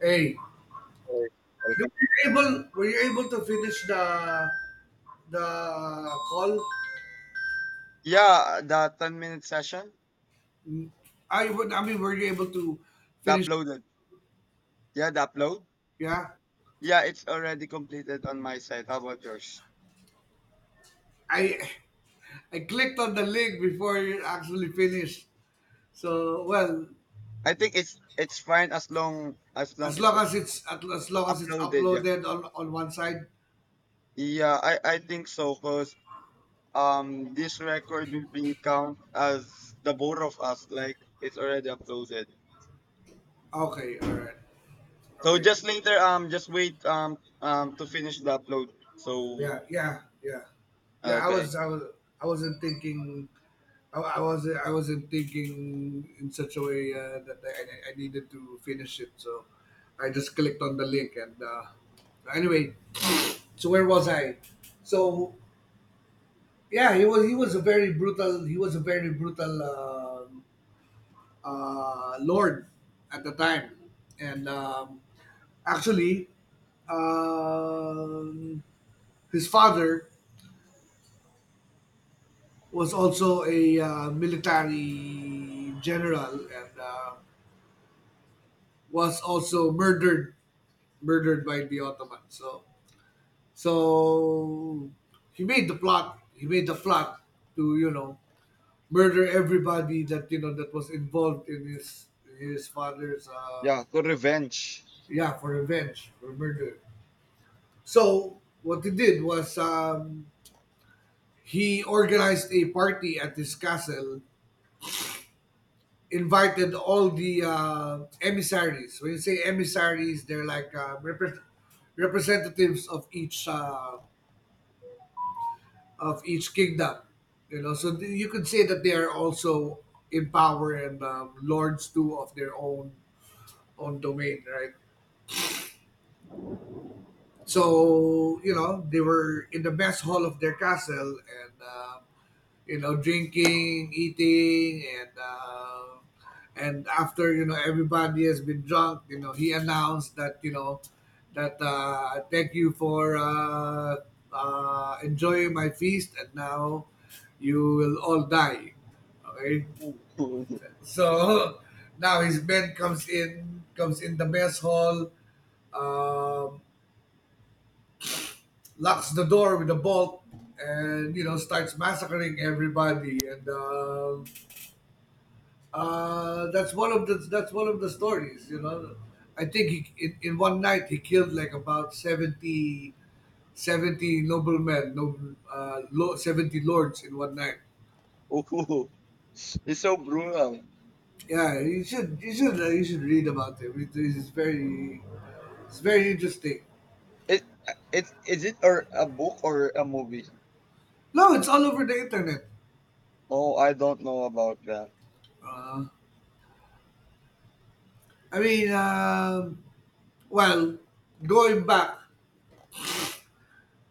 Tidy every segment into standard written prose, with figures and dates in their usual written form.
Hey, Alright, you- welcome. were were you able to finish the call? Yeah, the 10-minute session, Mm, I would. I mean, were you able to the finish? uploaded. Yeah, the upload. Yeah, Yeah, it's already completed on my side. How about yours? I I clicked on the link before it actually finished. So, well, I think it's fine as long as it's long as it's as long as it's uploaded. Yeah, uploaded on one side. yeah, I think so. Cause this record will be count as the both of us. Like it's already uploaded. Okay, all right, So okay. just later, just wait to finish the upload. So Yeah, yeah, yeah, yeah. Okay. I wasn't thinking. I wasn't thinking in such a way, that I needed to finish it. So, I just clicked on the link, and, anyway, so where was I? So, yeah, He was a very brutal, lord at the time, and, actually, um, his father was also a, military general, and, was also murdered by the Ottomans. So he made the plot. He made the plot to murder everybody that you know that was involved in his his father's. Yeah, for revenge. Yeah, for revenge, for murder. So what he did was, he organized a party at his castle, invited all the, emissaries. When you say emissaries, they're like, representatives of each, kingdom. You know, so you could say that they are also in power, and, lords too of their own domain, right? So, you know, they were in the mess hall of their castle, and, you know, drinking, eating, and, and after, you know, everybody has been drunk, you know, he announced that, you know, that, thank you for, enjoying my feast, and now you will all die. Okay, so now his men comes in the mess hall, um, locks the door with a bolt, and you know starts massacring everybody, and. That's one of the stories. You know, I think in one night he killed like about 70 70 noblemen, noble, lo, 70 lords in one night. Oh, it's so brutal. Yeah, you should read about him. It's very interesting. It it is it or a book or a movie? No, it's all over the internet. Oh, I don't know about that. Uh, I mean, well, going back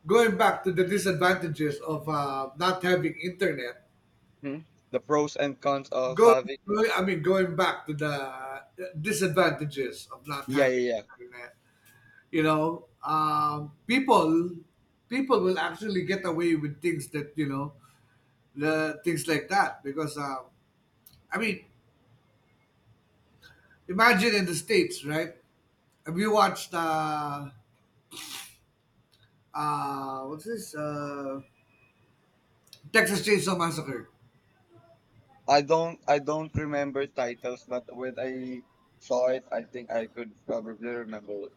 going back to the disadvantages of, not having internet. Hmm? The pros and cons of Going, having. I mean, going back to the disadvantages of not Yeah, having yeah, yeah. internet. You know, people will actually get away with things that, the things like that, because, I mean, imagine in the States, right? Have you watched, what's this? Texas Chainsaw Massacre. I don't remember titles, but when I saw it, I think I could probably remember it.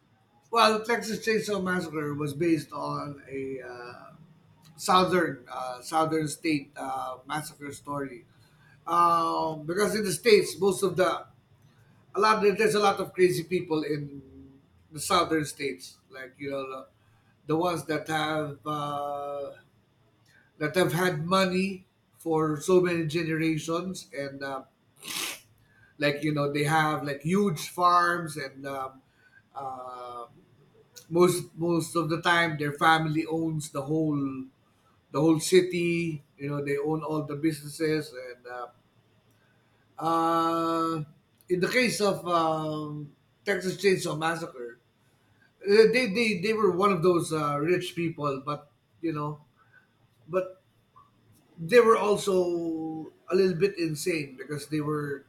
Well, Texas Chainsaw Massacre was based on a, southern, southern state, massacre story. Because in the States, most of the, a lot there's a lot of crazy people in the southern states, like, you know, the ones that have had money for so many generations, and, like, you know, they have like huge farms, and, uh, most of the time their family owns the whole city. You know, they own all the businesses. And, uh, in the case of, Texas Chainsaw Massacre, they were one of those, rich people, but, you know, but they were also a little bit insane, because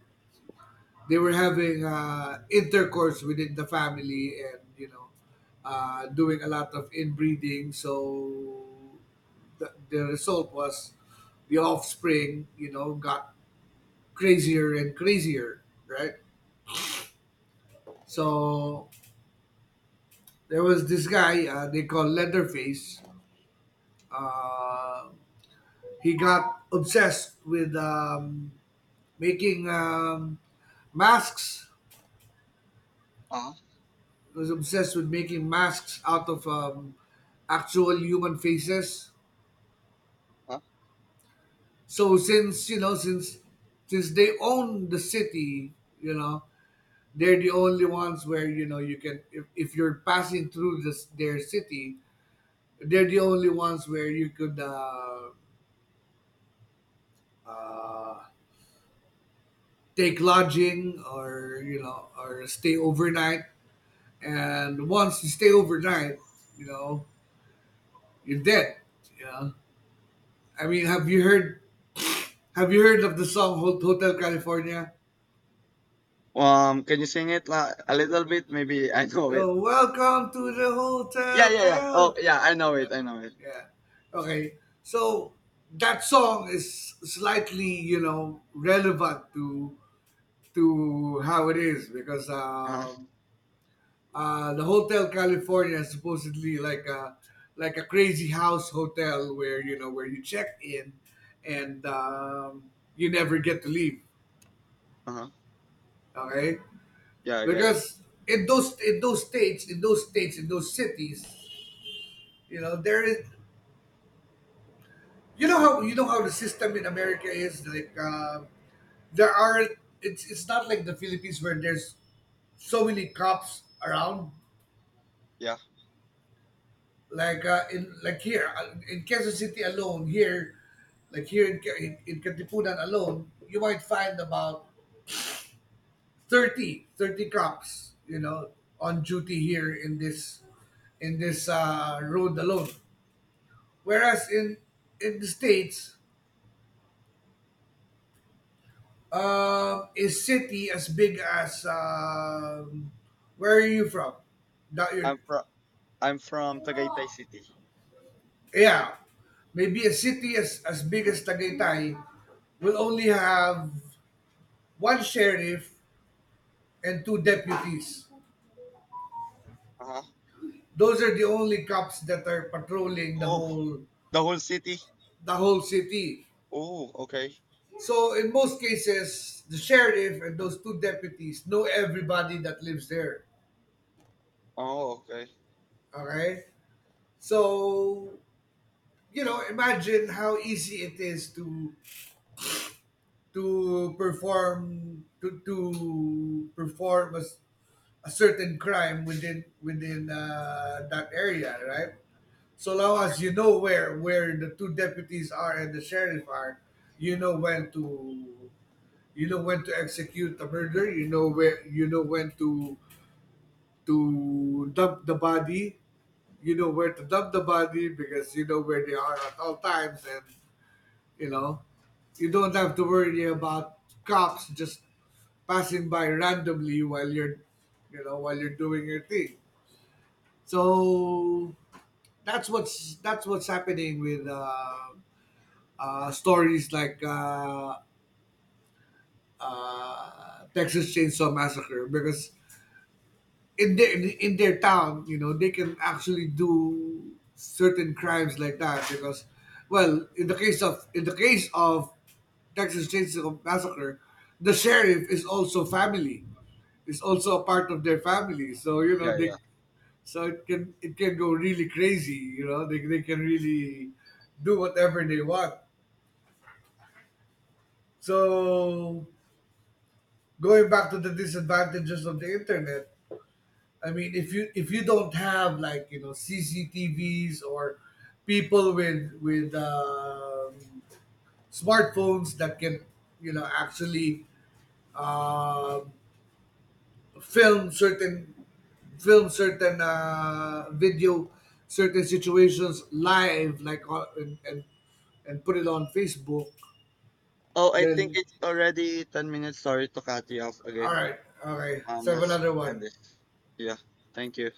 they were having, intercourse within the family, and, doing a lot of inbreeding. So the result was the offspring, you know, got crazier and crazier, right? So there was this guy, they call Leatherface. Uh, he got making um, masks Uh huh. obsessed with making masks out of, actual human faces. So since, you know, since they own the city, you know, they're the only ones where you know you can if you're passing through this their city, they're the only ones where you could, uh, take lodging, or, you know, or stay overnight. And once you stay overnight, you know, you're dead. You know? I mean, have you heard of the song Hotel California? Can you sing it a little bit? Maybe I know it. Oh, welcome to the Yeah, Hotel yeah, yeah. Cal. Oh, yeah, I know Uh, it. I know it. yeah. Okay. So that song is slightly, you know, relevant to how it is, because, Uh huh. The Hotel California is supposedly like a crazy house hotel where you check in, and, you never get to leave. Uh huh. Okay. Yeah, I got it. Because in those cities, you know, there is, you know how the system in America is like. There are It's not like the Philippines, where there's so many cops around, Yeah, in Kansas City alone, here like here in, Ca- in Katipunan alone, you might find about 30 cops, you know, on duty here in this road alone. Whereas in the States, is city as big as, where are you from? That you I'm from I'm from Tagaytay City. Yeah, maybe a city as big as Tagaytay will only have one sheriff and two deputies. Uh huh. Those are the only cops that are patrolling Oh, the whole city? the whole city. Oh, okay. So in most cases, the sheriff and those two deputies know everybody that lives there. Oh, okay. Okay? So, you know, imagine how easy it is to perform, a certain crime within, that area, right? So long as you know where the two deputies are and the sheriff are, you know when to execute the murder. You know when to dump the body. You know where to dump the body, because you know where they are at all times, and you know, you don't have to worry about cops just passing by randomly while you're, doing your thing. So that's what's happening with, stories like, Texas Chainsaw Massacre, because in their town, you know, they can actually do certain crimes like that. Because, well, in the case of Texas Chainsaw Massacre, the sheriff is also family, is also a part of their family. So you know Yeah, they, yeah. so it can go really crazy. You know they can really do whatever they want. So, going back to the disadvantages of the internet, I mean, if you don't have, like, you know, CCTVs, or people with smartphones that can, you know, actually, uh, film certain film certain video certain situations live, like on, and put it on Facebook. Oh, I think Then, it's already 10 minutes. Sorry to cut you off all again. right, okay, let's have Let's another end one. this. Yeah, thank you.